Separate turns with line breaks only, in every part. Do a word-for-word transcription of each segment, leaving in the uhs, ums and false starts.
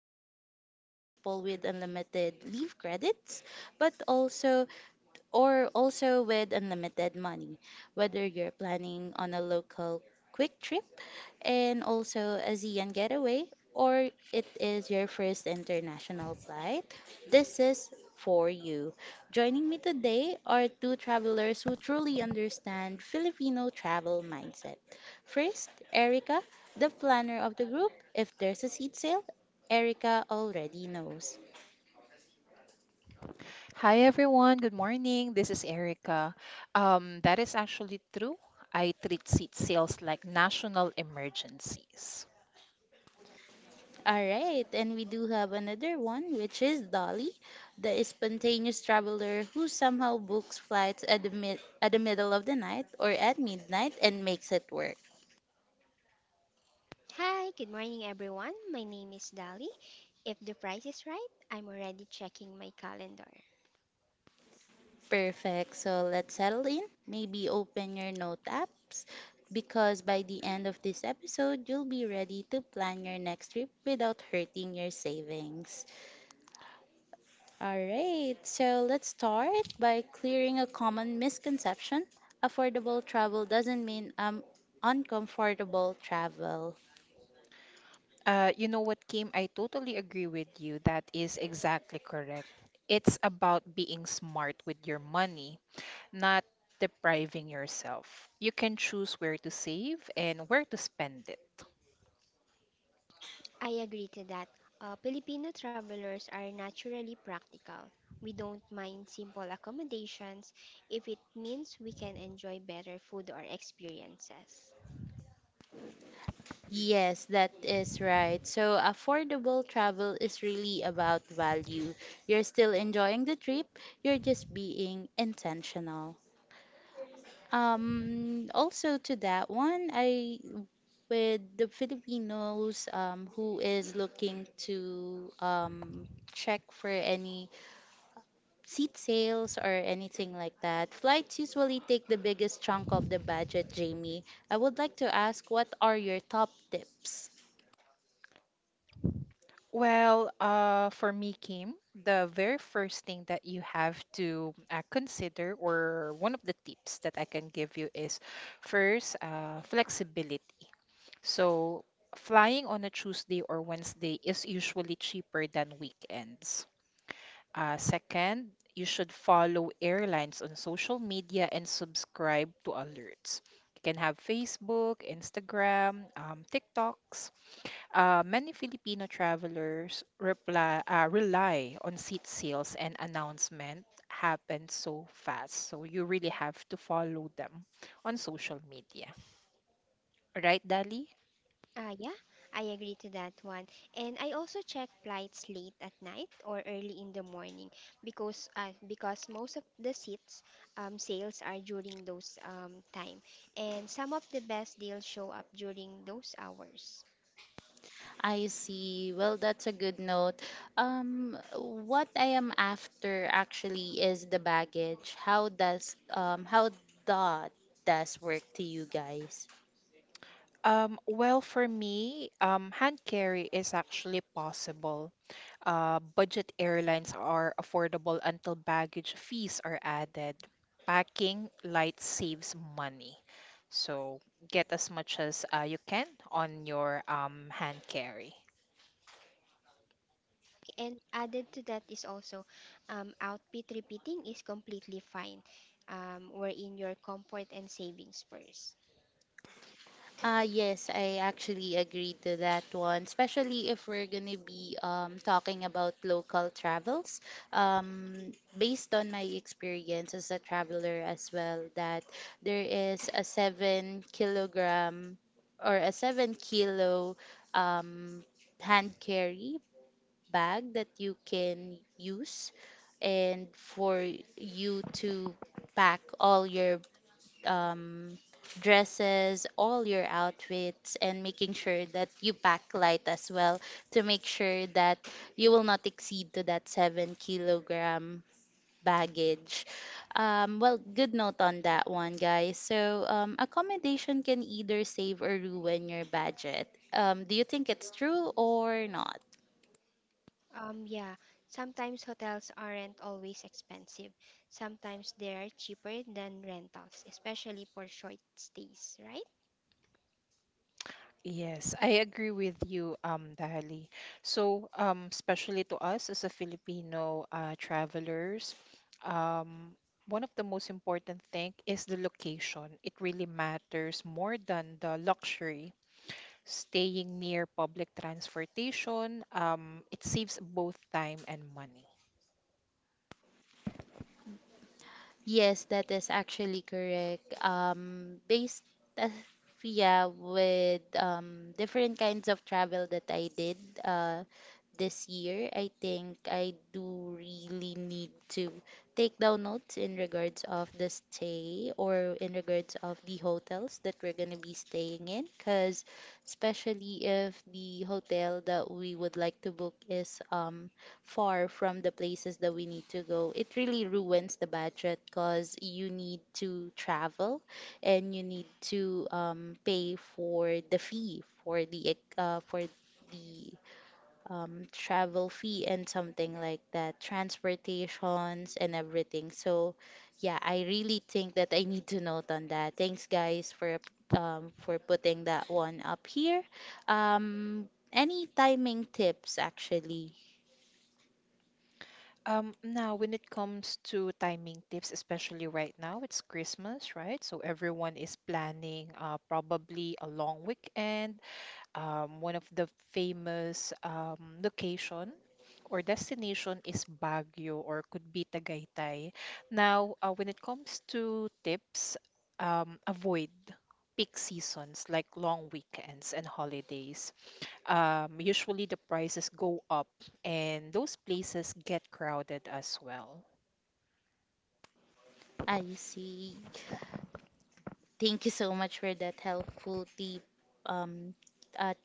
shouldn't be just for people with unlimited leave credits, but also or also with unlimited money, whether you're planning on a local quick trip and also a ASEAN getaway, or it is your first international flight, this is for you. Joining me today are two travelers who truly understand Filipino travel mindset. First, Erica, the planner of the group. If there's a seat sale, Erica already knows.
Hi everyone, good morning. This is Erica. Um, that is actually true. I treat seat sales like national emergencies.
All right, and we do have another one, which is Dolly, the spontaneous traveler who somehow books flights at the mid at the middle of the night or at midnight and makes it work.
Hi, good morning everyone. My name is Dali. If the price is right, I'm already checking my calendar.
Perfect. So let's settle in. Maybe open your note apps because by the end of this episode, you'll be ready to plan your next trip without hurting your savings. All right, so let's start by clearing a common misconception. Affordable travel doesn't mean um, uncomfortable travel.
Uh, you know what, Kim? I totally agree with you. That is exactly correct. It's about being smart with your money, not depriving yourself. You can choose where to save and where to spend it.
I agree to that. Uh, Filipino travelers are naturally practical. We don't mind simple accommodations if it means we can enjoy better food or experiences.
Yes, that is right. So, affordable travel is really about value. You're still enjoying the trip, you're just being intentional. Um, also, to that one, I with the Filipinos um, who is looking to um, check for any seat sales or anything like that. Flights usually take the biggest chunk of the budget, Jamie. I would like to ask what are your top tips?
Well, uh, for me, Kim, the very first thing that you have to uh, consider, or one of the tips that I can give you, is first, uh, flexibility. So, flying on a Tuesday or Wednesday is usually cheaper than weekends. Uh, second, you should follow airlines on social media and subscribe to alerts. You can have Facebook, Instagram, um, TikToks. Uh, many Filipino travelers reply, uh, rely on seat sales and announcement happen so fast. So you really have to follow them on social media. Right, Dali?
Uh, yeah, I agree to that one. And I also check flights late at night or early in the morning because uh, because most of the seats um, sales are during those um, time, and some of the best deals show up during those hours.
I see. Well, that's a good note. Um, what I am after actually is the baggage. How does um how that does work to you guys?
Um, well, for me, um, hand carry is actually possible. Uh, budget airlines are affordable until baggage fees are added. Packing light saves money. So get as much as uh, you can on your um, hand carry.
And added to that is also um, outfit repeating is completely fine, um, wherein your comfort and savings first.
Uh, yes, I actually agree to that one, especially if we're going to be um, talking about local travels. Um, Based on my experience as a traveler as well, that there is a seven kilogram or a seven kilo um, hand carry bag that you can use and for you to pack all your um, dresses, all your outfits, and making sure that you pack light as well to make sure that you will not exceed to that seven kilogram baggage. Um, well, good note on that one, guys. So, um, accommodation can either save or ruin your budget. Um, do you think it's true or not?
Um, yeah, sometimes hotels aren't always expensive. Sometimes they're cheaper than rentals, especially for short stays, right?
Yes, I agree with you, um, Dali. So, um, especially to us as a Filipino uh, travelers, um, one of the most important thing is the location. It really matters more than the luxury. Staying near public transportation, um, it saves both time and money.
Yes, that is actually correct. Um, based, uh, yeah, with um, different kinds of travel that I did uh, this year, I think I do really need to take down notes in regards of the stay or in regards of the hotels that we're going to be staying in, because especially if the hotel that we would like to book is um far from the places that we need to go, it really ruins the budget because you need to travel and you need to um, pay for the fee for the uh, for the um, travel fee and something like that, transportations and everything. So, yeah, I really think that I need to note on that. Thanks, guys, for um, for putting that one up here. Um, any timing tips actually?
Um, now, when it comes to timing tips, especially right now, it's Christmas, right? So everyone is planning uh, probably a long weekend, um, one of the famous um, location or destination is Baguio or could be Tagaytay. Now, uh, when it comes to tips, um, avoid peak seasons like long weekends and holidays. Um, usually the prices go up and those places get crowded as well.
I see. Thank you so much for that helpful tip. Um, at,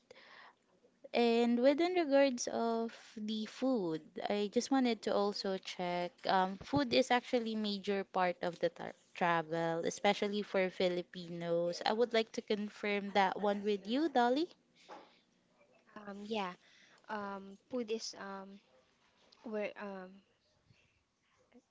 and within regards of the food, I just wanted to also check. Um, food is actually major part of the tar travel, especially for Filipinos. I would like to confirm that one with you, Dolly.
Um, yeah, um, food is um, where um,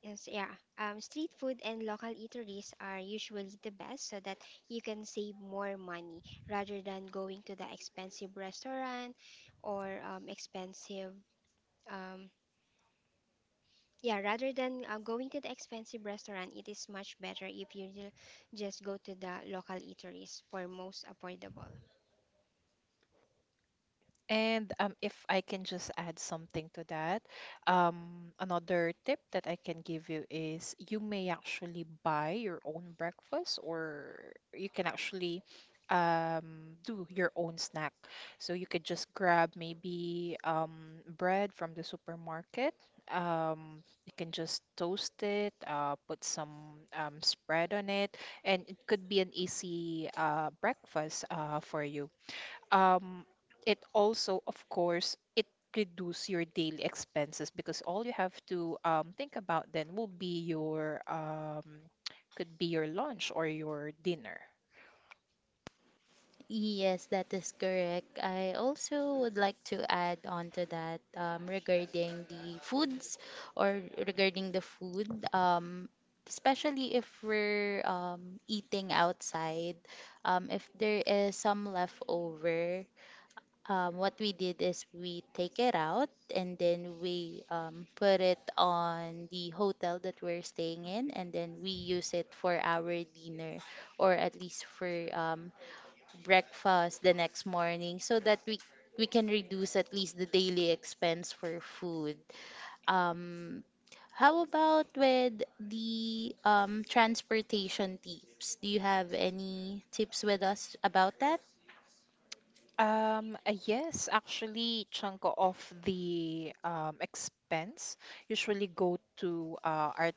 is yeah, um, street food and local eateries are usually the best so that you can save more money rather than going to the expensive restaurant or um, expensive um, Yeah, rather than uh, going to the expensive restaurant, it is much better if you ju- just go to the local eateries for most affordable.
And um, if I can just add something to that, um, another tip that I can give you is you may actually buy your own breakfast, or you can actually um, do your own snack. So you could just grab maybe um, bread from the supermarket. Um, you can just toast it, uh, put some um, spread on it, and it could be an easy uh, breakfast uh, for you. Um it also, of course, it reduce your daily expenses because all you have to um, think about then will be your um, could be your lunch or your dinner.
Yes, that is correct. I also would like to add on to that um, regarding the foods or regarding the food, um, especially if we're um, eating outside, um, if there is some leftover, um, what we did is we take it out and then we um, put it on the hotel that we're staying in, and then we use it for our dinner or at least for um, breakfast the next morning so that we we can reduce at least the daily expense for food. Um, how about with the um, transportation tips? Do you have any tips with us about that?
Um uh, yes actually chunk of the um, expense usually go to uh, our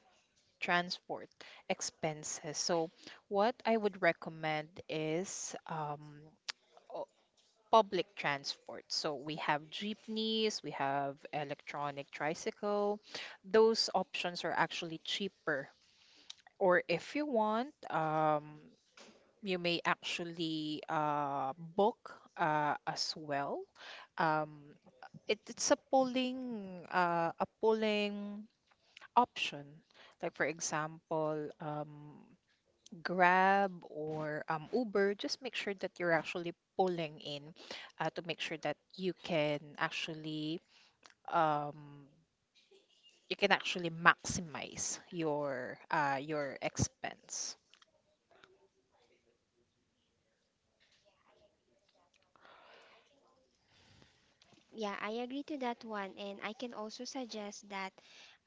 transport expenses, so what I would recommend is um public transport. So we have jeepneys, we have electronic tricycle. Those options are actually cheaper. Or if you want, um, you may actually uh, book uh, as well. Um, it, it's a pulling uh, a pulling option. Like for example, um, Grab or um, Uber, just make sure that you're actually pulling in uh, to make sure that you can actually um, you can actually maximize your uh, your expense.
Yeah, I agree to that one, and I can also suggest that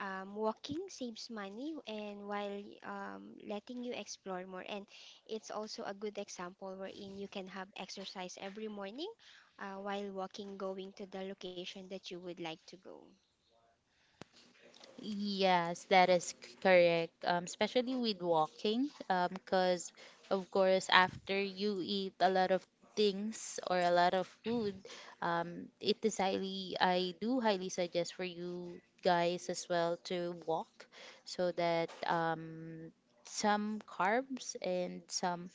um, walking saves money and while um, letting you explore more. And it's also a good example wherein you can have exercise every morning uh, while walking, going to the location that you would like to go.
Yes, that is c- correct. Um, especially with walking, um, because of course after you eat a lot of things or a lot of food, um, it is highly, I do highly suggest for you guys as well to walk so that um, some carbs and some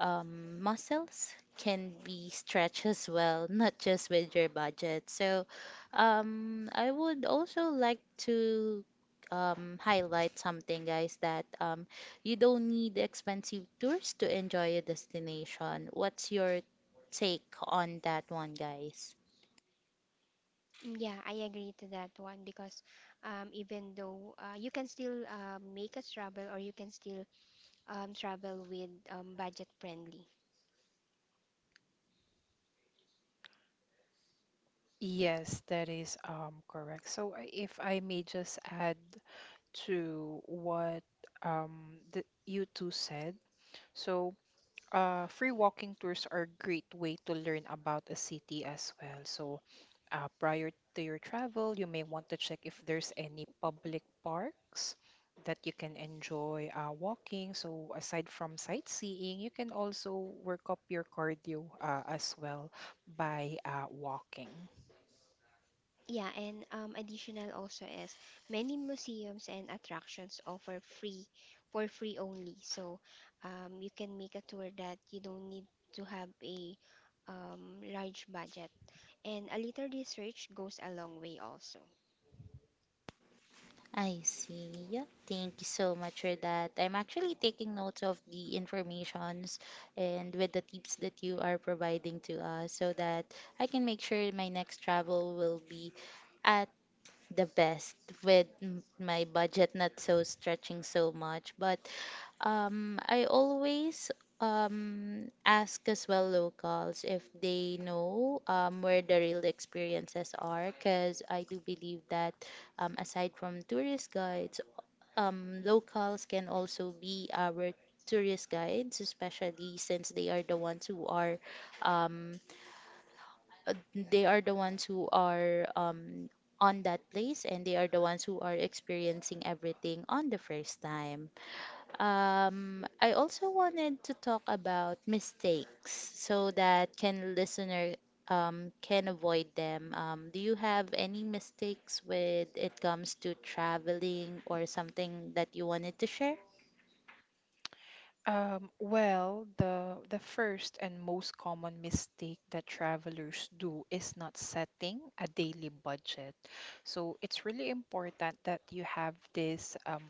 um, muscles can be stretched as well, not just with your budget. So, um, I would also like to um, highlight something, guys, that um, you don't need expensive tours to enjoy a destination. What's your take on that one, guys?
Yeah, I agree to that one because um, even though uh, you can still uh, make us travel or you can still um, travel with um, budget friendly.
Yes, that is um correct. So I- if I may just add to what um the, you two said. So uh, free walking tours are a great way to learn about a city as well. So, uh, prior to your travel, you may want to check if there's any public parks that you can enjoy uh, walking. So, aside from sightseeing, you can also work up your cardio uh, as well by uh, walking.
Yeah, and um, additional also is many museums and attractions offer free for free only. So um, you can make a tour that you don't need to have a um, large budget. And a little research goes a long way also.
I see. Yeah, thank you so much for that. I'm actually taking notes of the informations and with the tips that you are providing to us so that I can make sure my next travel will be at the best with m- my budget not so stretching so much but um I always um ask as well locals if they know um where the real experiences are because I do believe that um aside from tourist guides um locals can also be our tourist guides especially since they are the ones who are um uh, they are the ones who are um, on that place and they are the ones who are experiencing everything on the first time. Um, I also wanted to talk about mistakes so that can listener um, can avoid them. Um, do you have any mistakes with it comes to traveling or something that you wanted to share?
Um, well, the the first and most common mistake that travelers do is not setting a daily budget. So it's really important that you have this um,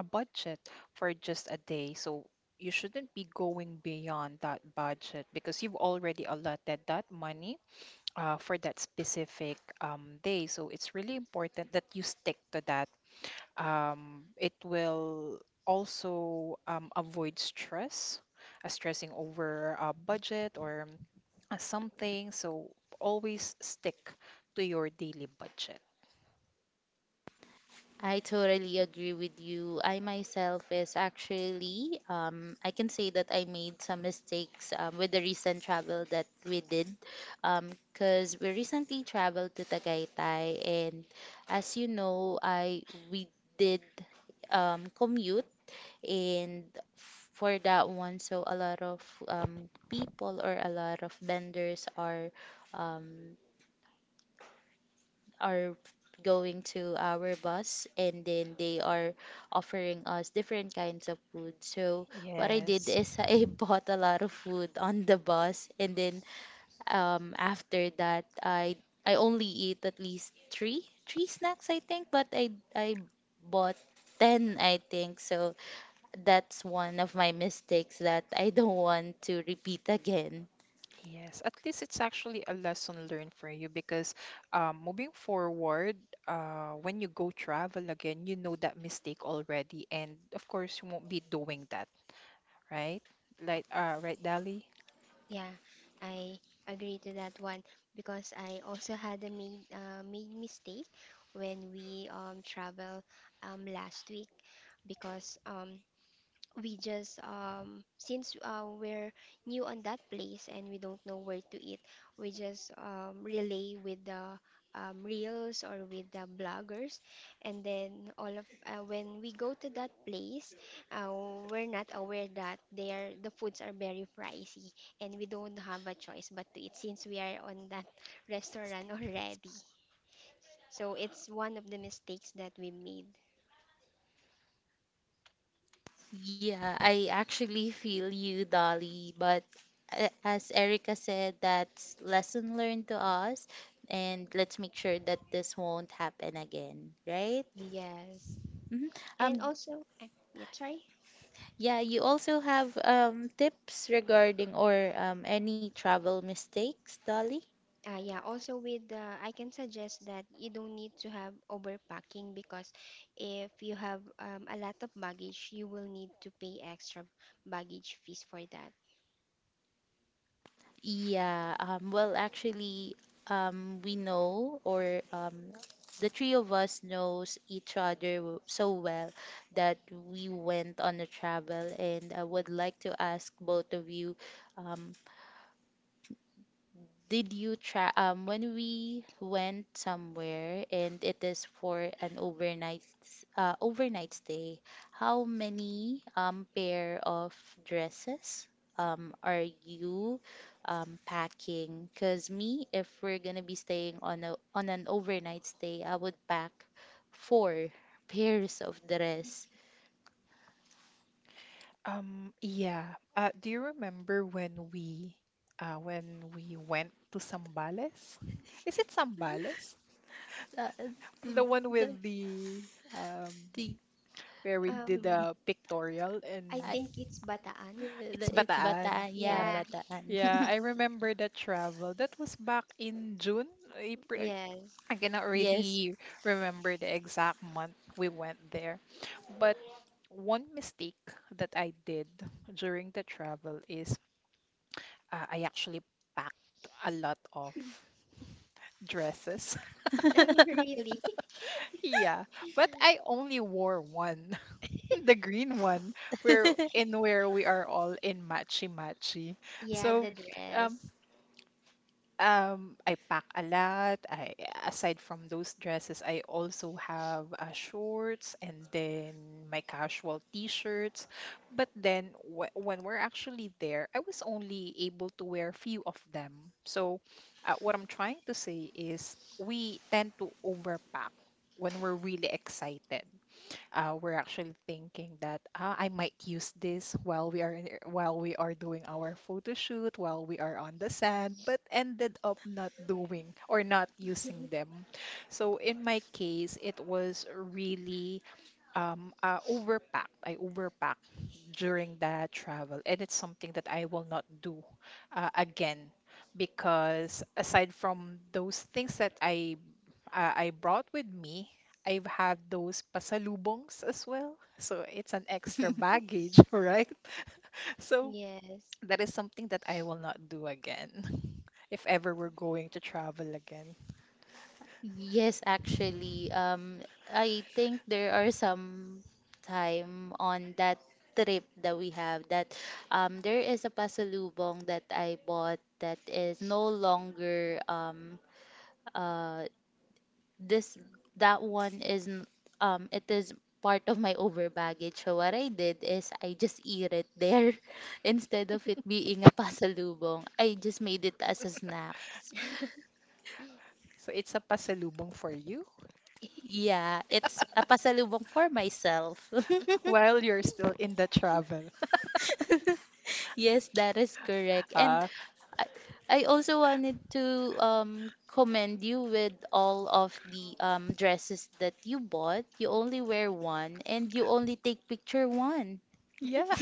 a budget for just a day. So you shouldn't be going beyond that budget because you've already allotted that money uh, for that specific um, day. So it's really important that you stick to that. Um, it will also um, avoid stress, uh, stressing over a budget or uh, something. So always stick to your daily budget.
I totally agree with you. I myself is actually, um, I can say that I made some mistakes um, with the recent travel that we did, because we recently traveled to Tagaytay, and as you know, I we did um, commute, and for that one, so a lot of um, people or a lot of vendors are. Um, are going to our bus and then they are offering us different kinds of food. So what I did
Yes,
is I bought a lot of food on the bus and then um after that I I only eat at least three three snacks I think but I I bought ten I think so that's one of my mistakes that I don't want to repeat again.
yes. At least it's actually a lesson learned for you because um, moving forward, uh, when you go travel again, you know that mistake already, and of course, you won't be doing that, right? Like, uh, right, Dali?
Yeah, I agree to that one because I also had a made uh, made mistake when we um travel um last week because um we just um since uh, we're new on that place and we don't know where to eat, we just um, relay with the um, reels or with the bloggers, and then all of uh, when we go to that place, uh, we're not aware that they are the foods are very pricey, and we don't have a choice but to eat since we are on that restaurant already. So it's one of the mistakes that we made.
Yeah, I actually feel you, Dolly, but a- as Erica said, that's lesson learned to us, and let's make sure that this won't happen again, right?
Yes.
Hmm. Um,
And also I'm, yep, sorry.
yeah, you also have um tips regarding or um any travel mistakes, Dolly?
Uh, yeah, also with the, I can suggest that you don't need to have overpacking because if you have um, a lot of baggage, you will need to pay extra baggage fees for that.
Yeah, um, well, actually, um, we know, or um, the three of us knows each other w- so well that we went on a travel, and I would like to ask both of you, um, did you try um when we went somewhere and it is for an overnight s- uh overnight stay, how many um pair of dresses um are you um packing? 'Cause me, if we're gonna be staying on a on an overnight stay, I would pack four pairs of dress.
Um, yeah. Uh, do you remember when we uh when we went to Sambales? Is it Sambales?
Uh, the,
The one
the,
with the um
the,
where we
Um,
did
the,
a pictorial
I
and
I,
think it's Bataan.
it's
the, it's
Bataan,
Bataan, yeah,
Yeah,
right?
Bataan.
Yeah, I remember that travel. That was back in June, April.
yes.
I cannot
Yes.
really remember the exact month we went there. But one mistake that I did during the travel is, uh, I actually packed a lot of dresses.
Oh, really?
Yeah, but I only wore one, the green one, where in where we are all in matchy matchy.
Yeah,
So,
the
um,
dress.
Um, I pack a lot. I Aside from those dresses, I also have uh, shorts and then my casual t-shirts. But then wh when we're actually there, I was only able to wear few of them. So uh, what I'm trying to say is we tend to overpack when we're really excited, uh, we're actually thinking that ah, I might use this while we are in- while we are doing our photo shoot, while we are on the sand, but ended up not doing or not using them. So in my case, it was really um, uh, overpacked. I overpacked during that travel, and it's something that I will not do uh, again, because aside from those things that I uh, I brought with me. I've had those pasalubongs as well. So it's an extra baggage, right? So
Yes,
that is something that I will not do again if ever we're going to travel again.
Yes, actually, um, I think there are some time on that trip that we have that um there is a pasalubong that I bought that is no longer um uh this that one is n- um it is part of my over baggage. So what I did is I just eat it there instead of it being a pasalubong. I just made it as a snack.
So it's a pasalubong for you
Yeah, it's a pasalubong for myself.
while you're still in the travel.
Yes, that is correct. And
Uh,
I, I also wanted to um, commend you with all of the um, dresses that you bought. You only wear one and you only take picture one.
yeah.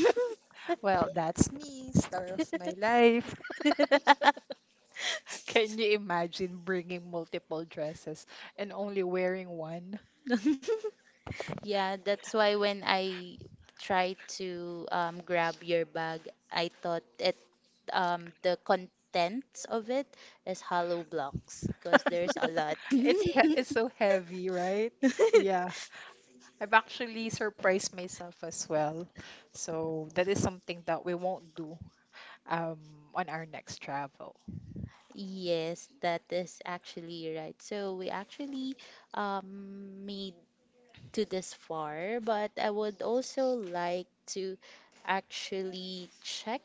Well, that's me, star of my life. Can you imagine bringing multiple dresses and only wearing one?
Yeah, that's why when I tried to um, grab your bag, I thought it um, the contents of it is hollow blocks because there's a lot.
It's he it's so heavy, right? Yeah. I've actually surprised myself as well. So that is something that we won't do um on our next travel.
Yes, that is actually right. So we actually um, made to this far, but I would also like to actually check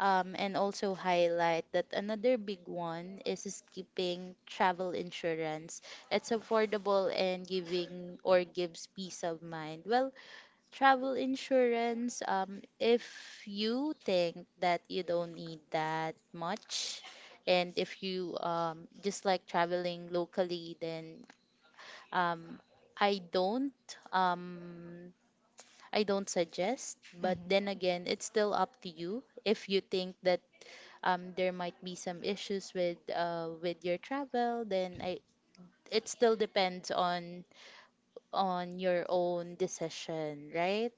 um, and also highlight that another big one is skipping travel insurance. It's affordable and giving or gives peace of mind. Well, travel insurance, um, if you think that you don't need that much, and if you um, just like traveling locally, then um, I don't um I don't suggest, but then
hmm
again, it's still up to you if you think that um there might be some issues with uh with your travel, then I it still depends on on your own decision, right?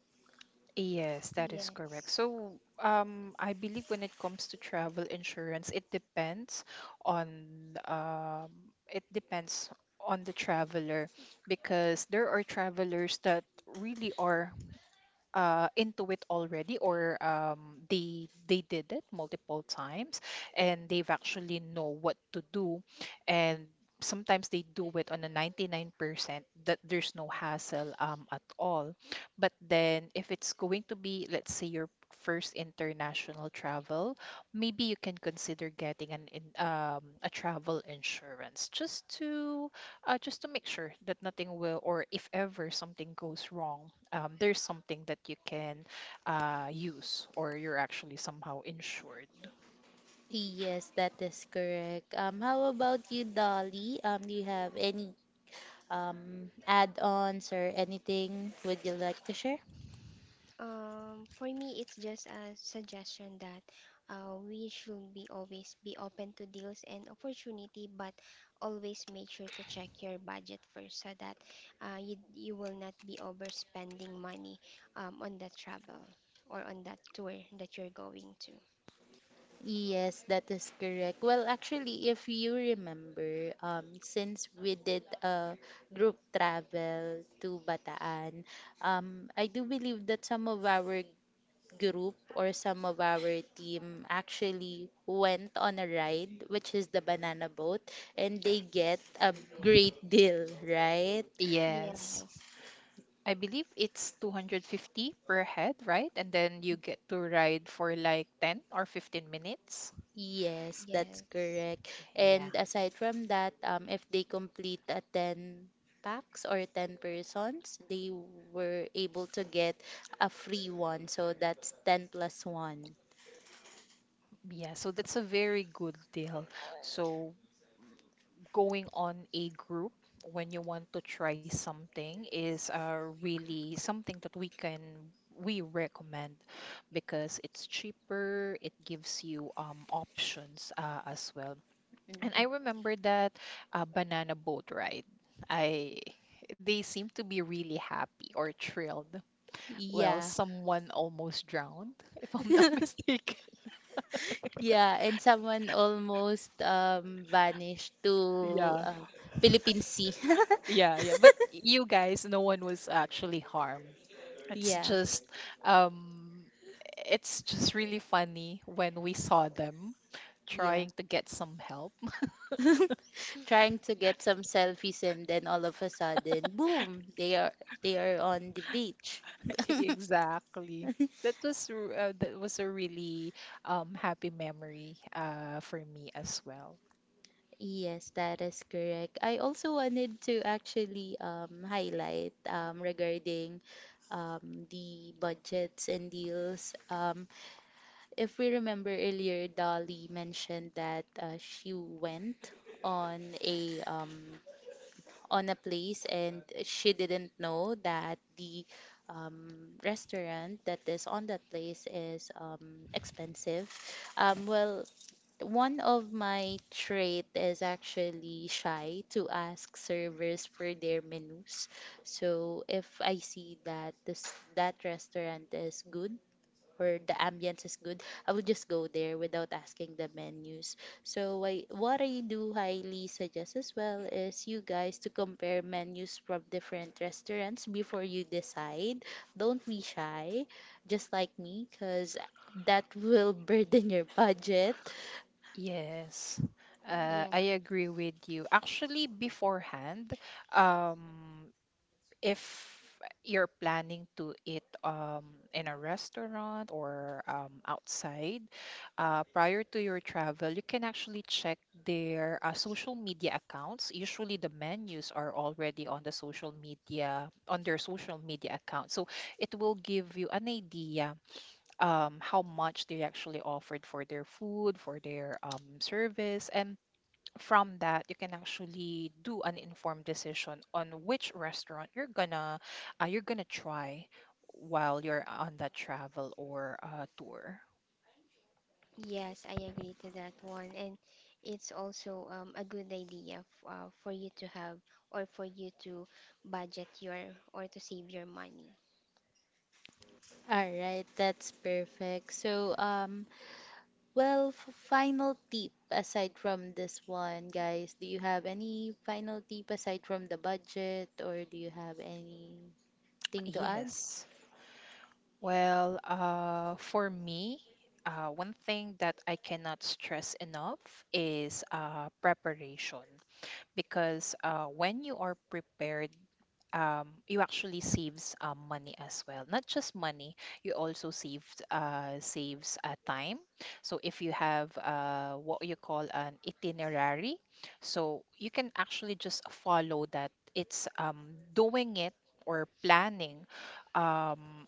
Yes, that is correct.
yes.
So, um, I believe when it comes to travel insurance, it depends on um, it depends on the traveler, because there are travelers that really are uh, into it already, or um, they they did it multiple times and they've actually know what to do, and sometimes they do it on a ninety-nine percent that there's no hassle um, at all. But then if it's going to be, let's say, your first international travel, maybe you can consider getting an in, um, a travel insurance just to uh, just to make sure that nothing will, or if ever something goes wrong, um, there's something that you can uh, use, or you're actually somehow insured.
Yes, that is correct. Um, how about you, Dolly? Um, do you have any um add-ons or anything would you like to share?
Um, for me, it's just a suggestion that uh, we should be always be open to deals and opportunity, but always make sure to check your budget first so that uh, you you will not be overspending money um, on that travel or on that tour that you're going to.
Yes, that is correct. Well, actually, if you remember, um, since we did a group travel to Bataan, um, I do believe that some of our group or some of our team actually went on a ride, which is the banana boat, and they get a great deal, right?
Yes.
Yes,
I believe it's two hundred fifty per head, right? And then you get to ride for like ten or fifteen minutes.
Yes, that's
yes.
correct.
Yeah.
And aside from that, um, if they complete a ten packs or ten persons, they were able to get a free one. So that's ten plus one.
Yeah. So that's a very good deal. So going on a group when you want to try something is uh, really something that we can we recommend because it's cheaper, it gives you um, options uh, as well. And i
Mhm.
remember that uh, banana boat ride, I they seem to be really happy or thrilled. Well,
Yeah.
someone almost drowned if I'm not mistaken.
Yeah, and someone almost um, vanished to
yeah
um, Philippine Sea.
yeah yeah but you guys, no one was actually harmed. It's
Yeah,
just um it's just really funny when we saw them trying to get some help.
trying to get some selfies and then all of a sudden boom, they are they are on the beach.
Exactly. That was r- uh, that was a really um happy memory uh for me as well.
Yes, that is correct. I also wanted to actually um, highlight, um, regarding um, the budgets and deals. Um, if we remember earlier, Dolly mentioned that uh, she went on a um, on a place and she didn't know that the um, restaurant that is on that place is um, expensive. Um, well, one of my trait is actually shy to ask servers for their menus. So if I see that this that restaurant is good, or the ambience is good, I would just go there without asking the menus. So I, what I do highly suggest as well is you guys to compare menus from different restaurants before you decide. Don't be shy, just like me, because that will burden your budget.
Yes, uh,
Yeah.
I agree with you. Actually, beforehand, um, if you're planning to eat um, in a restaurant or um, outside, uh, prior to your travel, you can actually check their uh, social media accounts. Usually, the menus are already on the social media on their social media account, so it will give you an idea um, how much they actually offered for their food, for their um, service, and from that, you can actually do an informed decision on which restaurant you're gonna uh, you're gonna try while you're on that travel or uh, tour.
Yes, I agree to that one. And it's also um, a good idea f uh, for you to have or for you to budget your or to save your money.
All right, that's perfect. So, um, Well, f- final tip aside from this one, guys, do you have any final tip aside from the budget, or do you have anything to add?
Yes. Well, uh, for me, uh, one thing that I cannot stress enough is uh, preparation. Because uh, when you are prepared, um, you actually saves um, money as well. Not just money, you also saved uh, saves uh, time. So if you have uh, what you call an itinerary, so you can actually just follow that. It's um, doing it or planning um,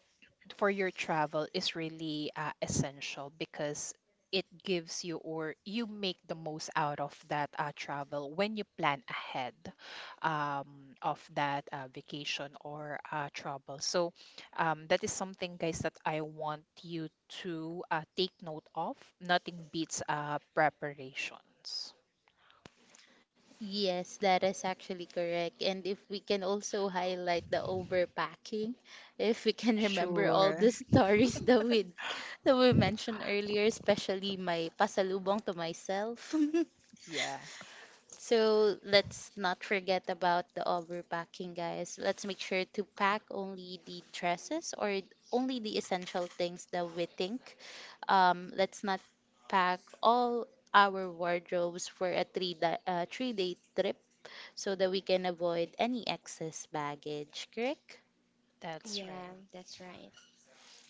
for your travel is really uh, essential because it gives you or you make the most out of that uh, travel when you plan ahead um, of that uh, vacation or uh, travel. So um, that is something, guys, that I want you to uh, take note of. Nothing beats uh, preparations.
Yes, that is actually correct. And if we can also highlight the overpacking, if we can remember all
Sure.
the stories that we that we mentioned earlier, especially my pasalubong to myself.
Yeah,
So let's not forget about the overpacking, guys. Let's make sure to pack only the dresses or only the essential things that we think. Um, let's not pack all our wardrobes for a three da uh, three day trip so that we can avoid any excess baggage, correct?
that's
Yeah,
right.
that's right.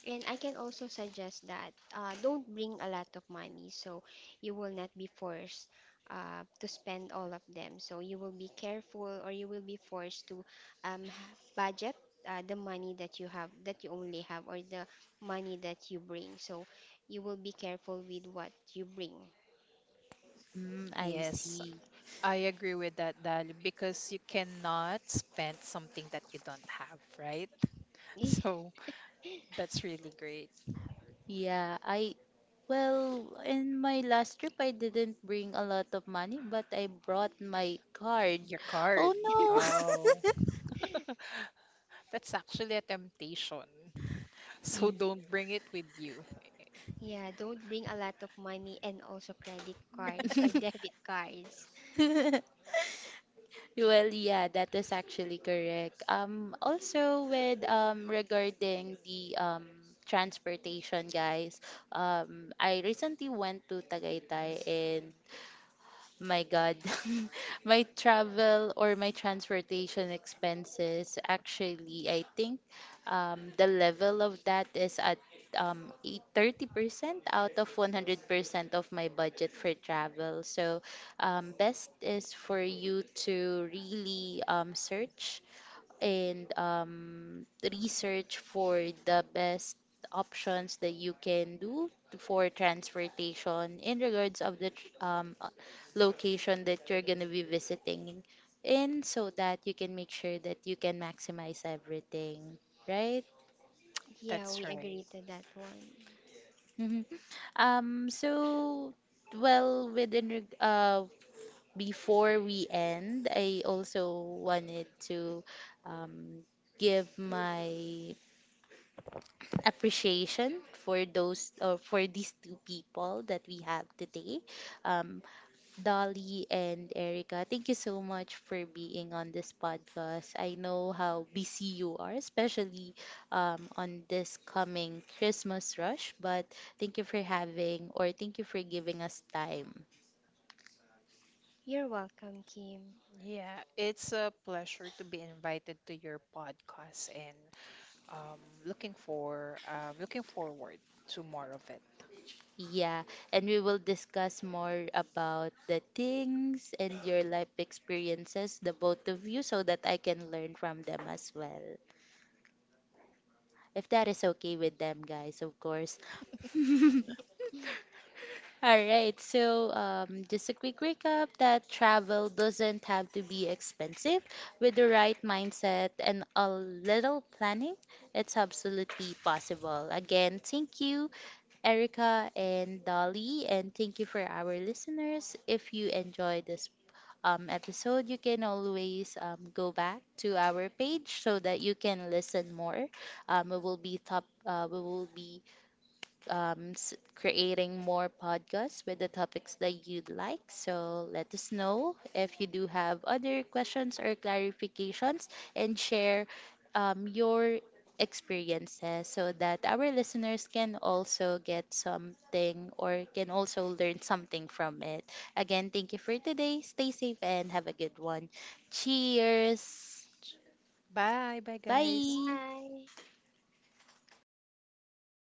And I can also suggest that uh, don't bring a lot of money so you will not be forced uh, to spend all of them. So you will be careful or you will be forced to um, budget uh, the money that you have, that you only have, or the money that you bring. So you will be careful with what you bring.
Mm, I
Yes,
see.
I agree with that, Dali, because you cannot spend something that you don't have, right? So that's really great.
Yeah, I Well, in my last trip, I didn't bring a lot of money, but I brought my card.
Your
Oh
card.
no!
Oh, that's actually a temptation. So
Y-
don't bring it with you.
Yeah, don't bring a lot of money and also credit cards or debit cards.
Well, yeah, that is actually correct. Um, also with um regarding the um transportation, guys. Um, I recently went to Tagaytay and my God, my travel or my transportation expenses, actually, I think um, the level of that is at um, eight- thirty percent out of one hundred percent of my budget for travel. So, um, best is for you to really um, search and um, research for the best options that you can do for transportation in regards of the tr- um, uh, location that you're going to be visiting in, so that you can make sure that you can maximize everything, right?
Yeah,
That's
we agree
right.
to that one.
Mhm. um so well within reg- uh Before we end, I also wanted to um give my appreciation for those or for these two people that we have today, um, Dolly and Erica. Thank you so much for being on this podcast. I know how busy you are, especially um, on this coming Christmas rush, but thank you for having or thank you for giving us time.
You're welcome, Kim.
Yeah, it's a pleasure to be invited to your podcast and, um, looking for um, looking forward to more of it.
Yeah, and we will discuss more about the things and your life experiences, the both of you, so that I can learn from them as well, if that is okay with them, guys, of course. All right, so, um, just a quick recap that travel doesn't have to be expensive. With the right mindset and a little planning, it's absolutely possible. Again, thank you, Erica and Dolly, and thank you for our listeners. If you enjoyed this um, episode, you can always um, go back to our page so that you can listen more. Um, we will be top. Uh, we will be um, s- creating more podcasts with the topics that you'd like. So let us know if you do have other questions or clarifications and share um, your experiences so that our listeners can also get something or can also learn something from it. Again, thank you for today. Stay safe and have a good one. Cheers.
Bye, bye guys.
Bye.
Bye.